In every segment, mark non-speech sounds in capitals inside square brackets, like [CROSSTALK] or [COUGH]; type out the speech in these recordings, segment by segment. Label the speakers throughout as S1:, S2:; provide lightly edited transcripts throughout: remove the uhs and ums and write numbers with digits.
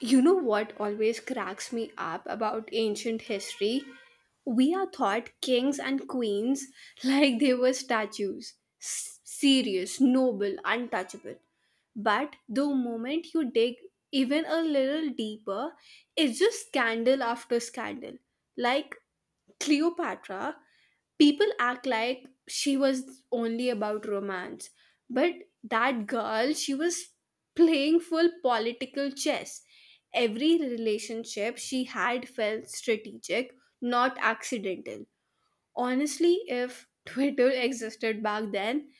S1: You know what always cracks me up about ancient history? We are thought kings and queens [LAUGHS] like they were statues, serious, noble, untouchable. But the moment you dig even a little deeper, it's just scandal after scandal. Like Cleopatra, people act like she was only about romance, but that girl, she was playing full political chess. Every relationship she had felt strategic, not accidental. Honestly, if [LAUGHS] Twitter existed back then,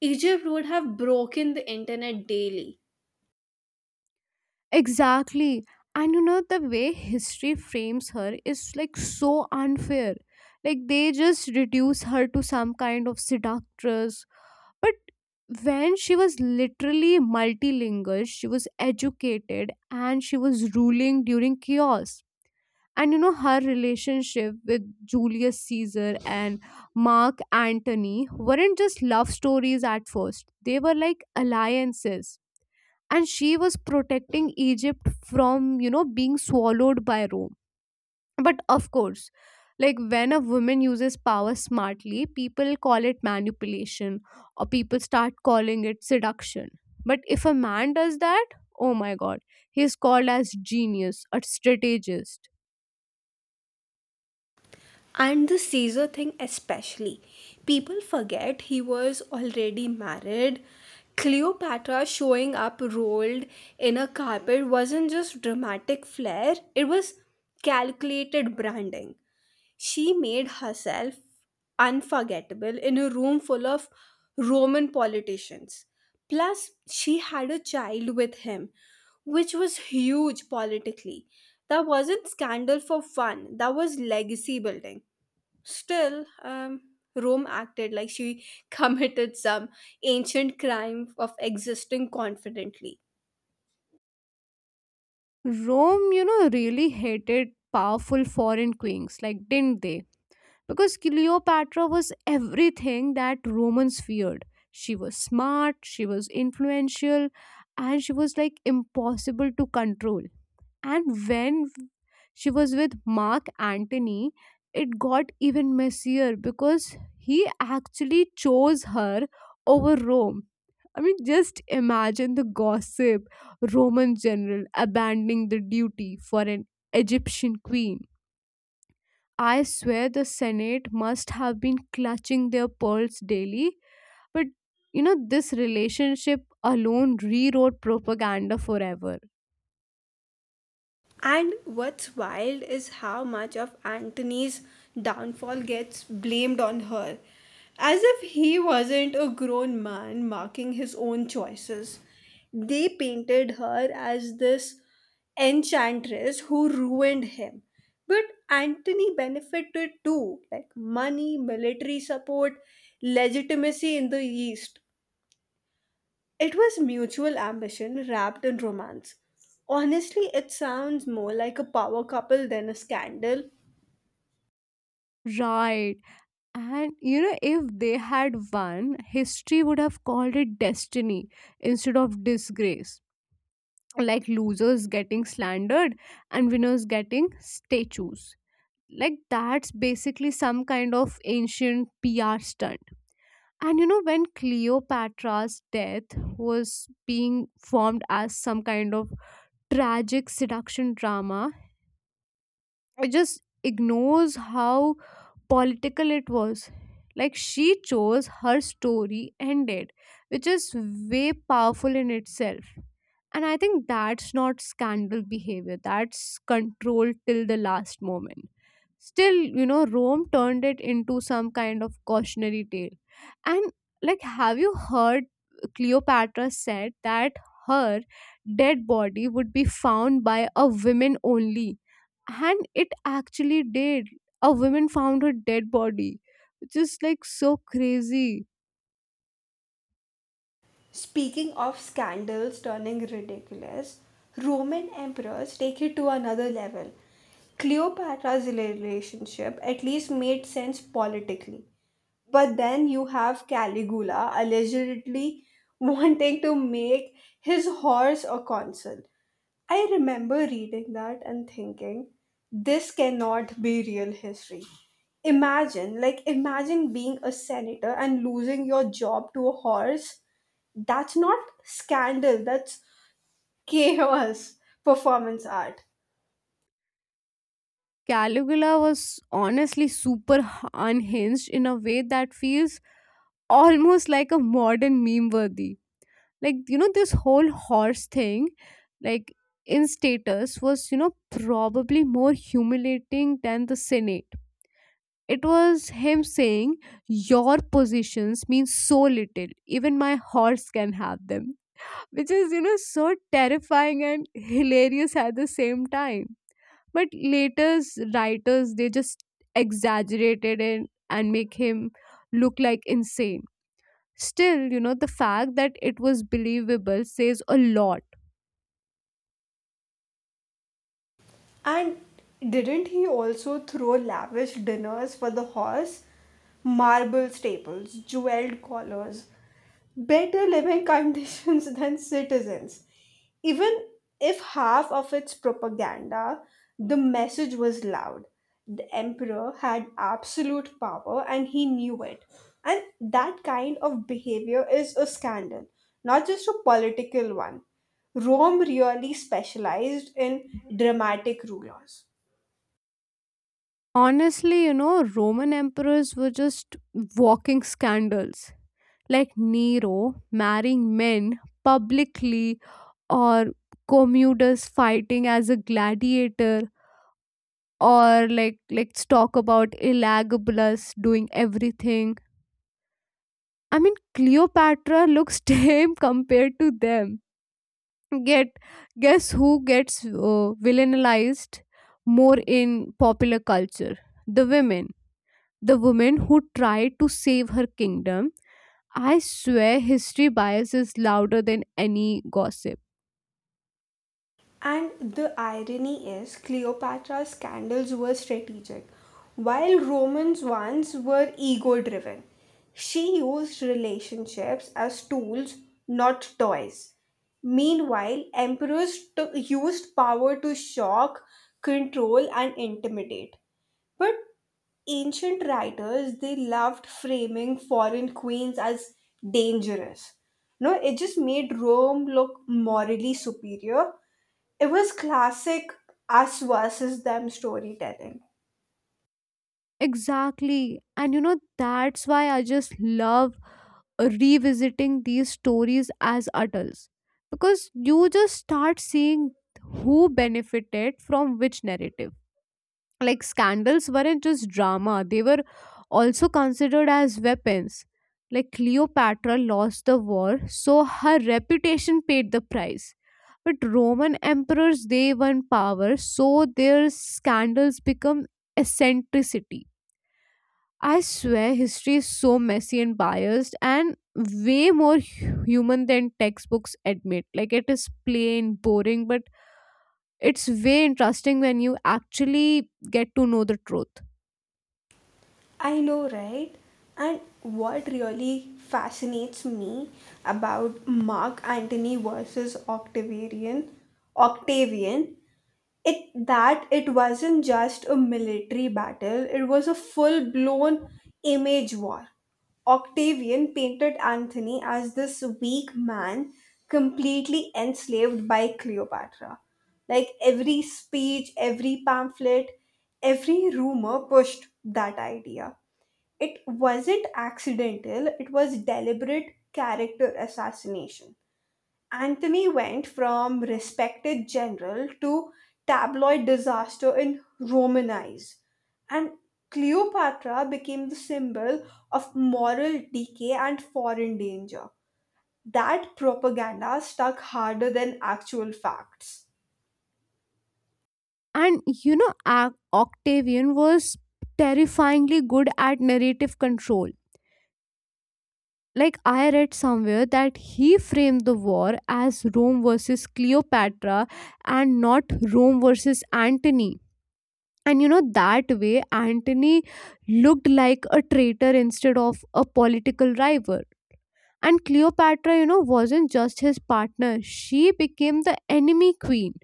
S1: Egypt would have broken the internet daily.
S2: Exactly. And you know, the way history frames her is like so unfair. Like they just reduce her to some kind of seductress. But when she was literally multilingual, she was educated and she was ruling during chaos. And you know, her relationship with Julius Caesar and Mark Antony weren't just love stories at first, they were like alliances, and she was protecting Egypt from, you know, being swallowed by Rome. But of course, like when a woman uses power smartly, people call it manipulation, or people start calling it seduction. But if a man does that, oh my god, he is called as genius or strategist.
S1: And the Caesar thing, especially. People forget he was already married. Cleopatra showing up rolled in a carpet wasn't just dramatic flair, it was calculated branding. She made herself unforgettable in a room full of Roman politicians. Plus, she had a child with him, which was huge politically. That wasn't scandal for fun, that was legacy building. Still, Rome acted like she [LAUGHS] committed some ancient crime of existing confidently.
S2: Rome, you know, really hated powerful foreign queens, like didn't they? Because Cleopatra was everything that Romans feared. She was smart, she was influential, and she was like impossible to control. And when she was with Mark Antony, it got even messier because he actually chose her over Rome. I mean, just imagine the gossip. Roman general abandoning the duty for an Egyptian queen. I swear the Senate must have been clutching their pearls daily. But you know, this relationship alone rewrote propaganda forever.
S1: And what's wild is how much of Antony's downfall gets blamed on her, as if he wasn't a grown man marking his own choices. They painted her as this enchantress who ruined him. But Antony benefited too, like money, military support, legitimacy in the East. It was mutual ambition wrapped in romance. Honestly, it sounds more like a power couple than a scandal.
S2: Right. And you know, if they had won, history would have called it destiny instead of disgrace. Like losers getting slandered and winners getting statues. Like that's basically some kind of ancient PR stunt. And you know, when Cleopatra's death was being formed as some kind of tragic seduction drama, it just ignores how political it was. Like she chose her story ended, which is way powerful in itself. And I think that's not scandal behavior, that's control till the last moment. Still, you know, Rome turned it into some kind of cautionary tale. And like, have you heard Cleopatra said that her dead body would be found by a woman only? And it actually did. A woman found her dead body, which is like so crazy.
S1: Speaking of scandals turning ridiculous, Roman emperors take it to another level. Cleopatra's relationship at least made sense politically. But then you have Caligula allegedly [LAUGHS] wanting to make his horse a consul. I remember reading that and thinking, this cannot be real history. Imagine, like, imagine being a senator and losing your job to a horse, that's not scandal, that's chaos performance art.
S2: Caligula was honestly super unhinged in a way that feels almost like a modern meme worthy. Like, you know, this whole horse thing, like, in status was, you know, probably more humiliating than the Senate. It was him saying your positions mean so little even my horse can have them, which is, you know, so terrifying and [LAUGHS] hilarious at the same time. But later's writers, they just exaggerated it and make him look like insane. Still, you know, the fact that it was believable says a lot.
S1: And didn't he also throw lavish dinners for the horse? Marble staples, jeweled collars, better living conditions [LAUGHS] than citizens. Even if half of its propaganda, the message was loud. The emperor had absolute power and he knew it. And that kind of behavior is a scandal, not just a political one. Rome really specialized in dramatic rulers.
S2: Honestly, you know, Roman emperors were just walking scandals, like Nero marrying men publicly, or Commodus fighting as a gladiator, or like let's talk about Elagabalus doing everything. I mean, Cleopatra looks [LAUGHS] tame compared to them. Get Guess who gets villainized more in popular culture? The women. The woman who tried to save her kingdom. I swear history bias is louder than any gossip.
S1: And the irony is, Cleopatra's scandals were strategic, while Romans' ones were ego driven. She used relationships as tools, not toys. Meanwhile, emperors took, used power to shock, control, and intimidate. But ancient writers they loved framing foreign queens as dangerous. No, it just made Rome look morally superior. It was classic us versus them storytelling.
S2: Exactly. And you know that's why I just love revisiting these stories as adults, because you just start seeing who benefited from which narrative. Like scandals weren't just drama, they were also considered as weapons. Like Cleopatra lost the war, so her reputation paid the price. But Roman emperors, they won power, so their scandals become eccentricity. I swear history is so messy and biased and way more human than textbooks admit. Like it is plain, boring, but it's way interesting when you actually get to know the truth.
S1: I know, right? And what really fascinates me about Mark Antony versus Octavian, Octavian, it that it wasn't just a military battle, it was a full blown image war. Octavian painted Anthony as this weak man completely enslaved by Cleopatra. Like every speech, every pamphlet, every rumor pushed that idea. It wasn't accidental, it was deliberate character assassination. Anthony went from respected general to tabloid disaster in Roman eyes, and Cleopatra became the symbol of moral decay and foreign danger. That propaganda stuck harder than actual facts.
S2: And you know, Octavian was terrifyingly good at narrative control. Like, I read somewhere that he framed the war as Rome versus Cleopatra and not Rome versus Antony. And you know, that way, Antony looked like a traitor instead of a political rival. And Cleopatra, you know, wasn't just his partner, she became the enemy queen.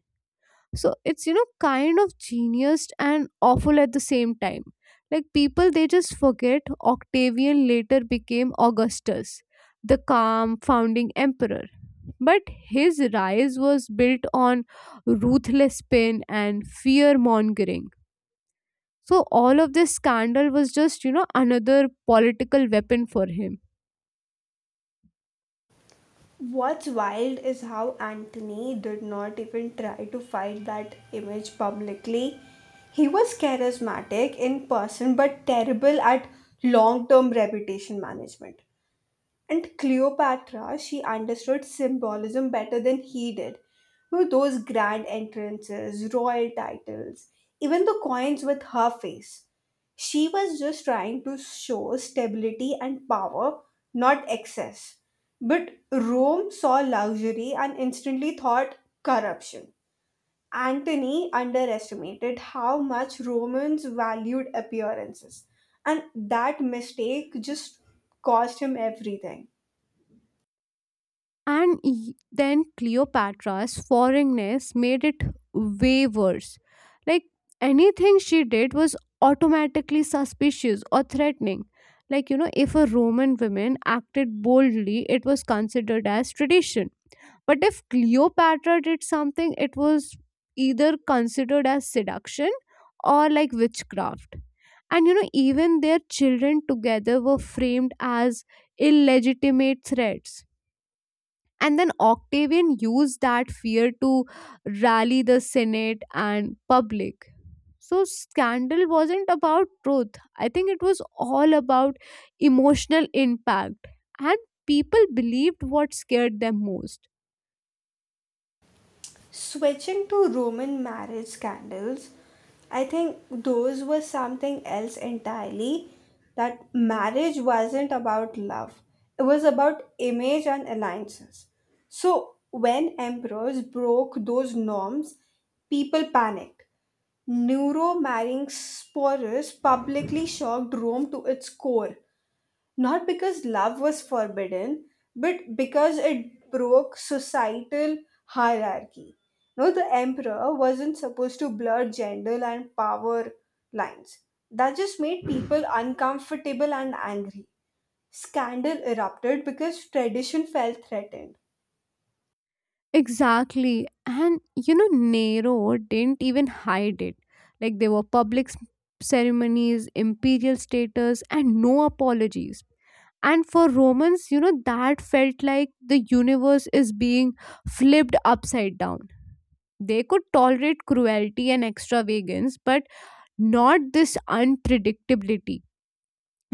S2: So it's, you know, kind of genius and awful at the same time. Like people, they just forget Octavian later became Augustus, the calm founding emperor. But his rise was built on ruthless spin and fear mongering, so all of this scandal was just, you know, another political weapon for him.
S1: What's wild is how Anthony did not even try to fight that image publicly. He was charismatic in person but terrible at long term reputation management. And Cleopatra, she understood symbolism better than he did. You know, those grand entrances, royal titles, even the coins with her face. She was just trying to show stability and power, not excess. But Rome saw luxury and instantly thought corruption. Antony underestimated how much Romans valued appearances, and that mistake just cost him everything.
S2: And then Cleopatra's foreignness made it way worse. Like anything she did was automatically suspicious or threatening. Like, you know, if a Roman woman acted boldly, it was considered as tradition. But if Cleopatra did something, it was either considered as seduction or like witchcraft. And, you know, even their children together were framed as illegitimate threats. And then Octavian used that fear to rally the Senate and public. So, scandal wasn't about truth. I think it was all about emotional impact. And people believed what scared them most.
S1: Switching to Roman marriage scandals, I think those were something else entirely. That marriage wasn't about love, it was about image and alliances. So, when emperors broke those norms, people panicked. Nero marrying Sporus publicly shocked Rome to its core. Not because love was forbidden, but because it broke societal hierarchy. No, the emperor wasn't supposed to blur gender and power lines. That just made people uncomfortable and angry. Scandal erupted because tradition felt threatened.
S2: Exactly. And you know, Nero didn't even hide it. Like, there were public ceremonies, imperial status, and no apologies. And for Romans, you know, that felt like the universe is being flipped upside down. They could tolerate cruelty and extravagance but not this unpredictability.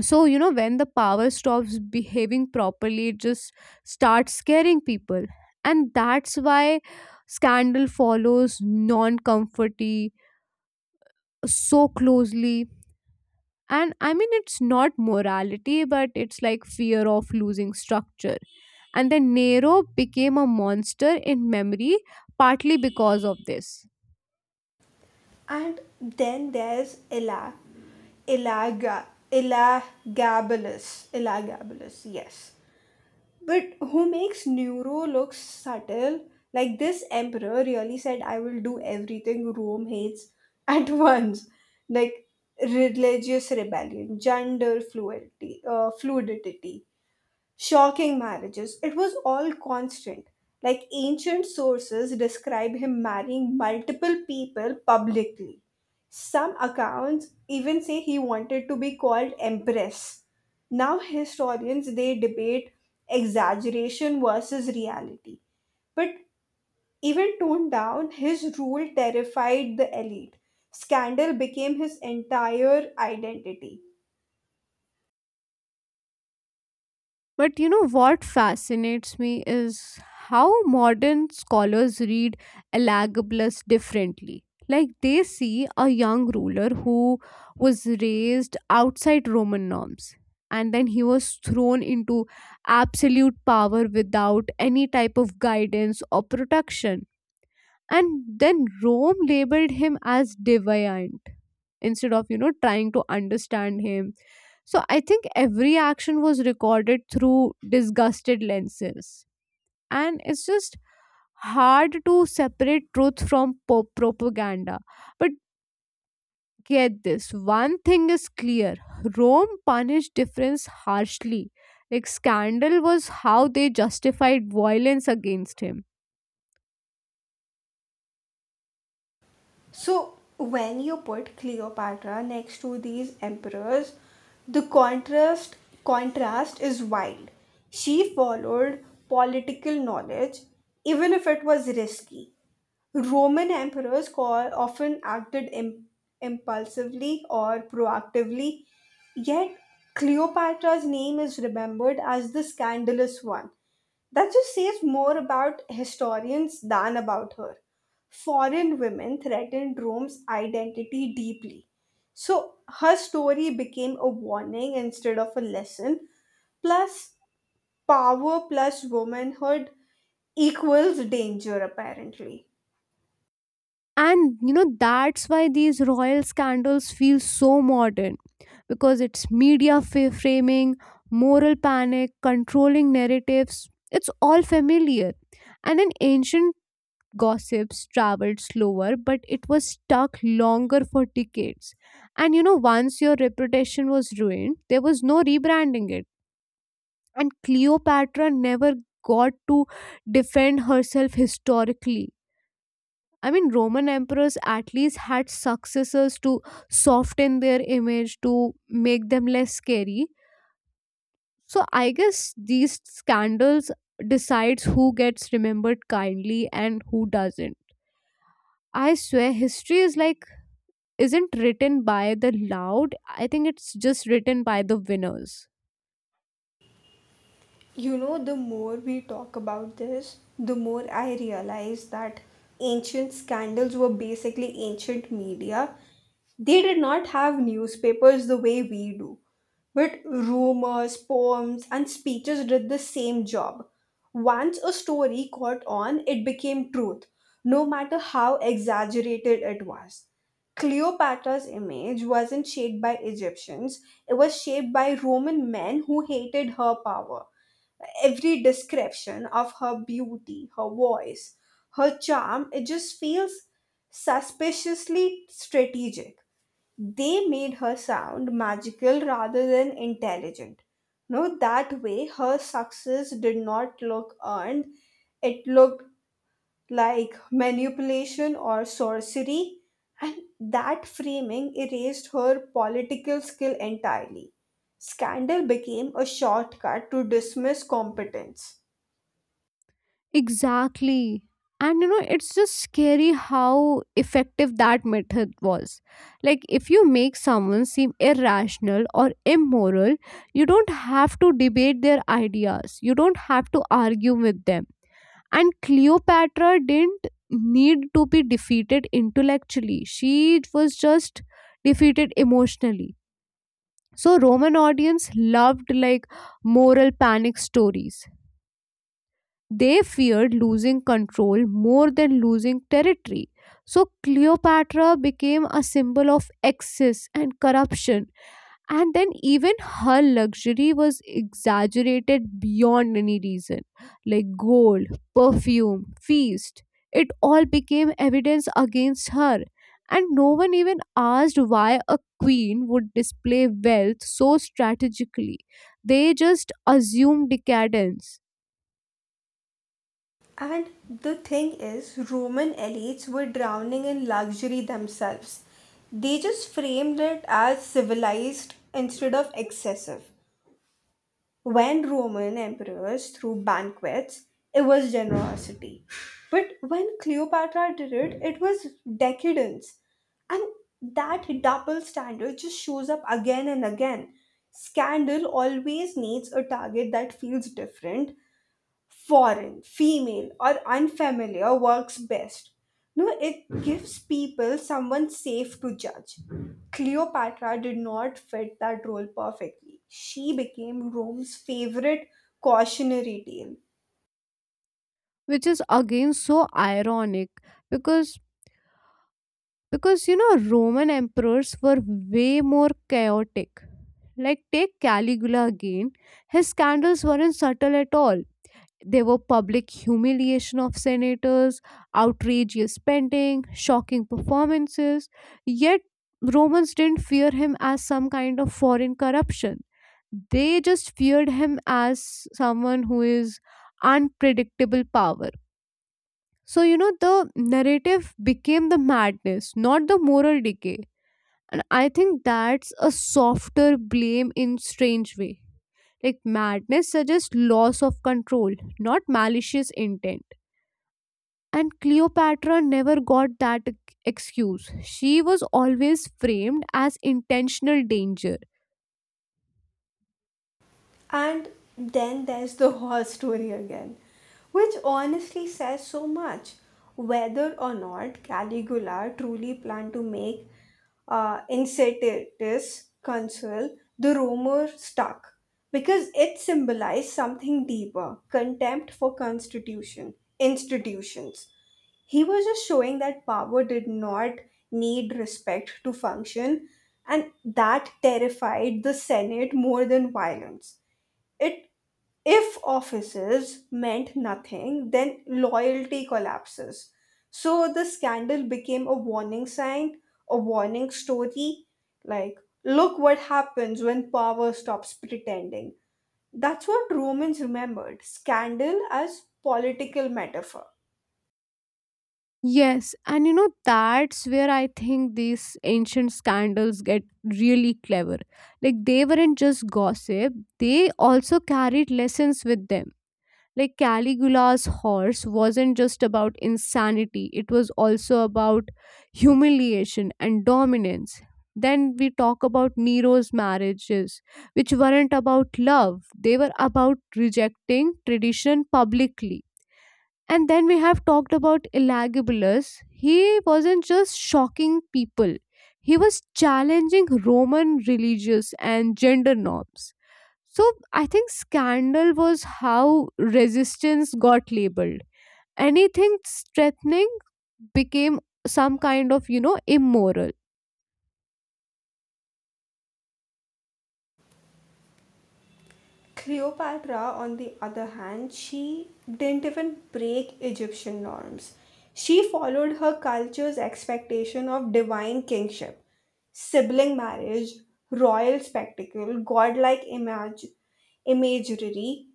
S2: So, you know, when the power stops behaving properly, it just starts scaring people. And that's why scandal follows non-comforty so closely. And I mean, it's not morality, but it's like fear of losing structure. And then Nero became a monster in memory partly because of this.
S1: And then there's Ella Elagabalus. Elagabalus, yes. But who makes Nero look subtle? Like this emperor really said, I will do everything Rome hates at [LAUGHS] once. Like religious rebellion, gender fluidity, fluidity. Shocking marriages. It was all constant. Like ancient sources describe him marrying multiple people publicly. Some accounts even say he wanted to be called empress. Now historians they debate exaggeration versus reality. But even toned down, his rule terrified the elite. Scandal became his entire identity.
S2: But you know what fascinates me is how modern scholars read Elagabalus differently. Like they see a young ruler who was raised outside Roman norms, and then he was thrown into absolute power without any type of guidance or protection. And then Rome labeled him as deviant, instead of, you know, trying to understand him. So I think every action was recorded through disgusted lenses, and it's just hard to separate truth from propaganda. But get this, one thing is clear: Rome punished difference harshly. Like scandal was how they justified violence against him.
S1: So, when you put Cleopatra next to these emperors, the contrast is wild. She followed political knowledge, even if it was risky. Roman emperors call, often acted impulsively or proactively, yet Cleopatra's name is remembered as the scandalous one. That just says more about historians than about her. Foreign women threatened Rome's identity deeply. So her story became a warning instead of a lesson. Plus, power plus womanhood equals danger, apparently.
S2: And you know, that's why these royal scandals feel so modern, because it's media framing, moral panic, controlling narratives, it's all familiar. And in ancient, gossips traveled slower, but it was stuck longer for decades. And you know, once your reputation was ruined, there was no rebranding it. And Cleopatra never got to defend herself historically. I mean, Roman emperors at least had successors to soften their image, to make them less scary. So I guess these scandals decides who gets remembered kindly and who doesn't. I swear history is like isn't written by the loud. I think it's just written by the winners.
S1: You know, the more we talk about this, the more I realize that ancient scandals were basically ancient media. They did not have newspapers the way we do, but rumors, poems, and speeches did the same job. Once a story caught on, it became truth, no matter how exaggerated it was. Cleopatra's image wasn't shaped by Egyptians, it was shaped by Roman men who hated her power. Every description of her beauty, her voice, her charm, it just feels suspiciously strategic. They made her sound magical rather than intelligent. No, that way her success did not look earned, it looked like manipulation or sorcery, and that framing erased her political skill entirely. Scandal became a shortcut to dismiss competence.
S2: Exactly. And you know, it's just scary how effective that method was. Like, if you make someone seem irrational or immoral, you don't have to debate their ideas, you don't have to argue with them. And Cleopatra didn't need to be defeated intellectually, she was just defeated emotionally. So, Roman audience loved like moral panic stories. They feared losing control more than losing territory. So Cleopatra became a symbol of excess and corruption, and then even her luxury was exaggerated beyond any reason, like gold, perfume, feast. It all became evidence against her, and no one even asked why a queen would display wealth so strategically. They just assumed decadence.
S1: And the thing is, Roman elites were drowning in luxury themselves. They just framed it as civilized instead of excessive. When Roman emperors threw banquets, it was generosity. But when Cleopatra did it, it was decadence. And that double standard just shows up again and again. Scandal always needs a target that feels different, foreign, female, or unfamiliar works best. No, it gives people someone safe to judge. Cleopatra did not fit that role perfectly. She became Rome's favorite cautionary tale.
S2: Which is again so ironic, because you know Roman emperors were way more chaotic. Like take Caligula again, his scandals weren't subtle at all. They were public humiliation of senators, outrageous spending, shocking performances. Yet Romans didn't fear him as some kind of foreign corruption, they just feared him as someone who is unpredictable power. So, you know, the narrative became the madness, not the moral decay. And I think that's a softer blame in strange way. Like madness suggests loss of control, not malicious intent. And Cleopatra never got that excuse. She was always framed as intentional danger.
S1: And then there's the whole story again, which honestly says so much. Whether or not Caligula truly planned to make Incitatus consul, the rumor stuck because it symbolized something deeper, contempt for constitution institutions. He was just showing that power did not need respect to function, and that terrified the senate more than violence. It if offices meant nothing, then loyalty collapses. So the scandal became a warning sign, a warning story. Like, look what happens when power stops pretending. That's what Romans remembered, scandal as political metaphor.
S2: Yes, and you know, that's where I think these ancient scandals get really clever. Like, they weren't just gossip, they also carried lessons with them. Like, Caligula's horse wasn't just about insanity, it was also about humiliation and dominance. Then we talk about Nero's marriages, which weren't about love, they were about rejecting tradition publicly. And then we have talked about Elagabulus. He wasn't just shocking people, he was challenging Roman religious and gender norms. So I think scandal was how resistance got labeled. Anything threatening became some kind of, you know, immoral.
S1: Cleopatra, on the other hand, she didn't even break Egyptian norms. She followed her culture's expectation of divine kingship, sibling marriage, royal spectacle, godlike imagery,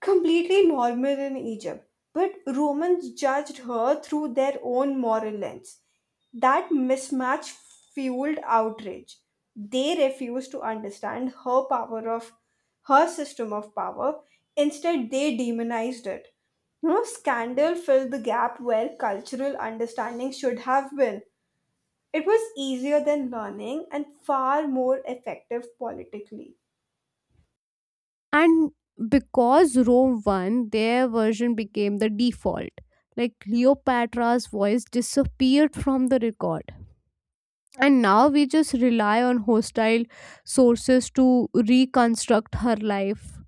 S1: completely normal in Egypt, but Romans judged her through their own moral lens. That mismatch fueled outrage. They refused to understand her power of her system of power. Instead, they demonized it. You know, scandal filled the gap where cultural understanding should have been. It was easier than learning and far more effective politically.
S2: And because Rome won, their version became the default. Like Cleopatra's voice disappeared from the record, and now we just rely on hostile sources to reconstruct her life.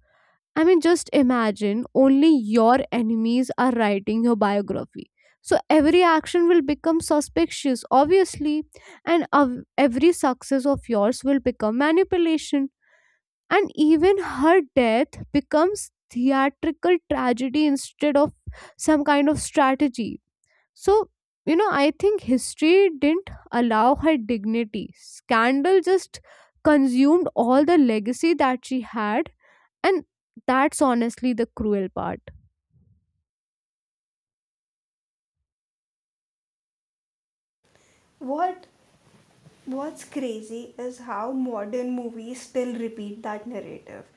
S2: I mean, just imagine only your enemies are writing your biography, so every action will become suspicious obviously. And every success of yours will become manipulation. And even her death becomes theatrical tragedy instead of some kind of strategy. So, you know, I think history didn't allow her dignity. Scandal just consumed all the legacy that she had, and that's honestly the cruel part.
S1: What what's crazy is how modern movies still repeat that narrative.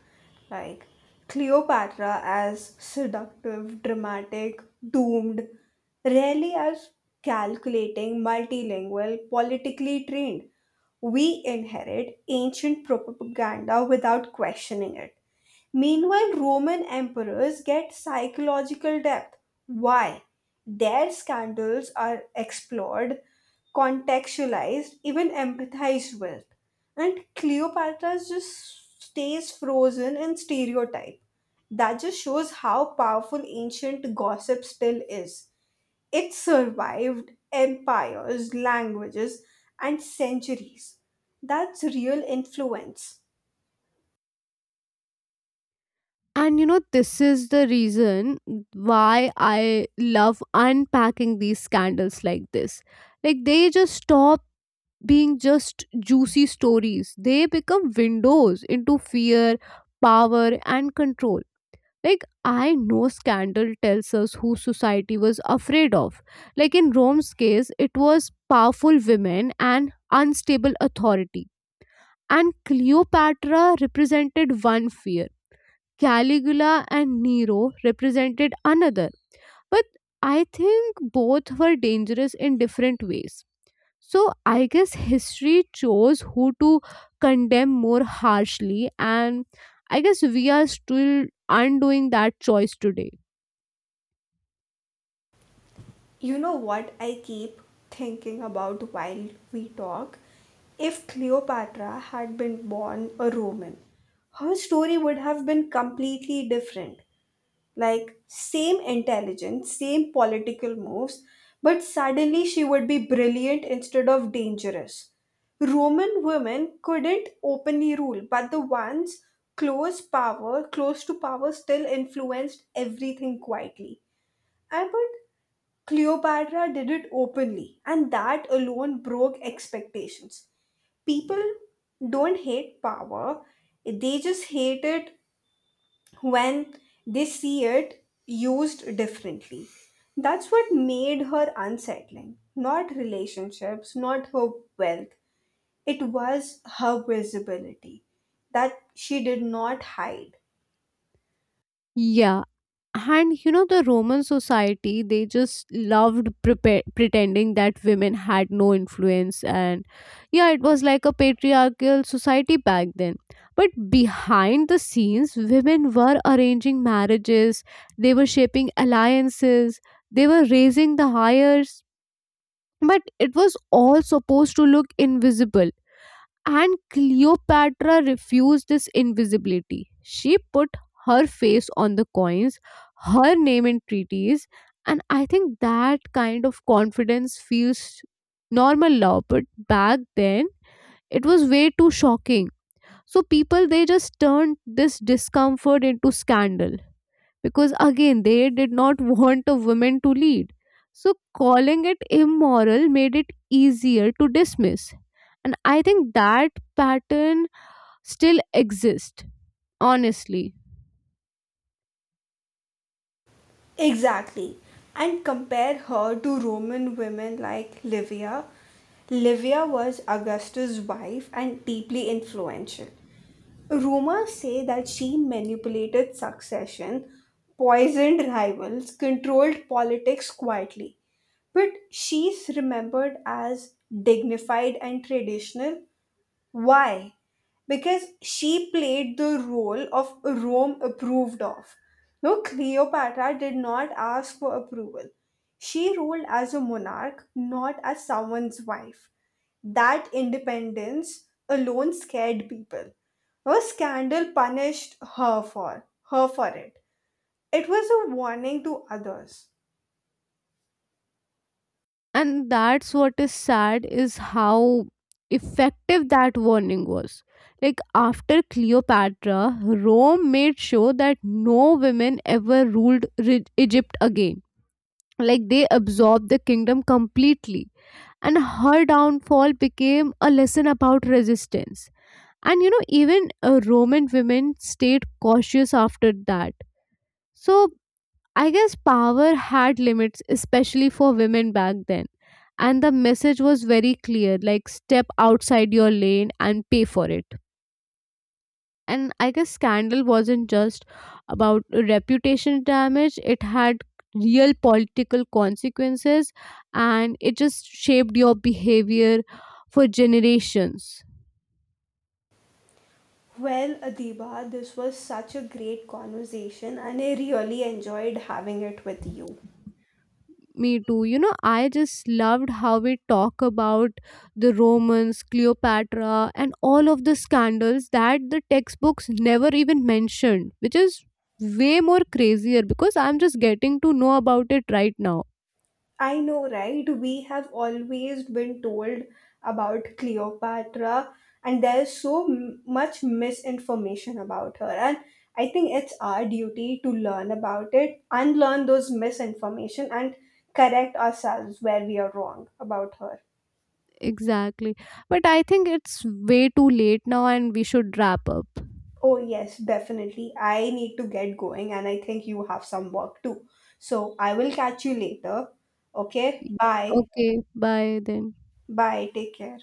S1: Like Cleopatra as seductive, dramatic, doomed, rarely as calculating, multilingual, politically trained. We inherit ancient propaganda without questioning it. Meanwhile, Roman emperors get psychological depth. Why? Their scandals are explored, contextualized, even empathized with. And Cleopatra just stays frozen in stereotype. That just shows how powerful ancient gossip still is. It survived empires, languages, and centuries. That's real influence.
S2: And you know, this is the reason why I love unpacking these scandals like this. Like, they just stop being just juicy stories, they become windows into fear, power, and control. Like, I know scandal tells us who society was afraid of. Like, in Rome's case, it was powerful women and unstable authority. And Cleopatra represented one fear, Caligula and Nero represented another. But I think both were dangerous in different ways. So, I guess history chose who to condemn more harshly, and I guess we are still undoing that choice today.
S1: You know what I keep thinking about while we talk? If Cleopatra had been born a Roman, her story would have been completely different. Like, same intelligence, same political moves, but suddenly she would be brilliant instead of dangerous. Roman women couldn't openly rule, but the ones close power, close to power, still influenced everything quietly. I would, Cleopatra did it openly, and that alone broke expectations. People don't hate power, they just hate it when they see it used differently. That's what made her unsettling. Not relationships, not her wealth. It was her visibility that she did not hide.
S2: Yeah. And you know, the Roman society, they just loved pretending that women had no influence. And yeah, it was like a patriarchal society back then. But behind the scenes, women were arranging marriages, they were shaping alliances, they were raising the hires. But it was all supposed to look invisible, and Cleopatra refused this invisibility. She put her face on the coins, her name in treaties, and I think that kind of confidence feels normal now, but back then it was way too shocking. So people they just turned this discomfort into scandal, because again they did not [LAUGHS] want a woman to lead. So calling it immoral made it easier to dismiss. And I think that pattern still exists, honestly.
S1: Exactly. And compare her to Roman women like Livia. Livia was Augustus' wife and deeply influential. Rumors say that she manipulated succession, poisoned rivals, controlled politics quietly. But she's remembered as dignified and traditional, why? Because she played the role of Rome approved of. No, Cleopatra did not ask for approval. She ruled as a monarch, not as someone's wife. That independence alone scared people. No scandal punished her for it. It was a warning to others.
S2: And that's what is sad is how effective that warning was. Like after Cleopatra, Rome made sure that no women ever ruled Egypt again. Like they absorbed the kingdom completely, and her downfall became a lesson about resistance. And you know, even Roman women stayed cautious after that. So I guess power had limits, especially for women back then. And the message was very clear, like step outside your lane and pay for it. And I guess scandal wasn't just about reputation damage, it had real political consequences, and it just shaped your behavior for generations.
S1: Well, Adiba, this was such a great conversation and I really enjoyed having it with you.
S2: Me too. You know, I just loved how we talk about the Romans, Cleopatra, and all of the scandals that the textbooks never even mentioned, which is way more crazier because I'm just getting to know about it right now.
S1: I know, right? We have always been told about Cleopatra, and there's so much misinformation about her. And I think it's our duty to learn about it, unlearn those misinformation, and correct ourselves where we are wrong about her.
S2: Exactly. But I think it's way too late now and we should wrap up.
S1: Oh, yes, definitely. I need to get going, and I think you have some work too. So I will catch you later. Okay, bye.
S2: Okay, bye then.
S1: Bye. Take care.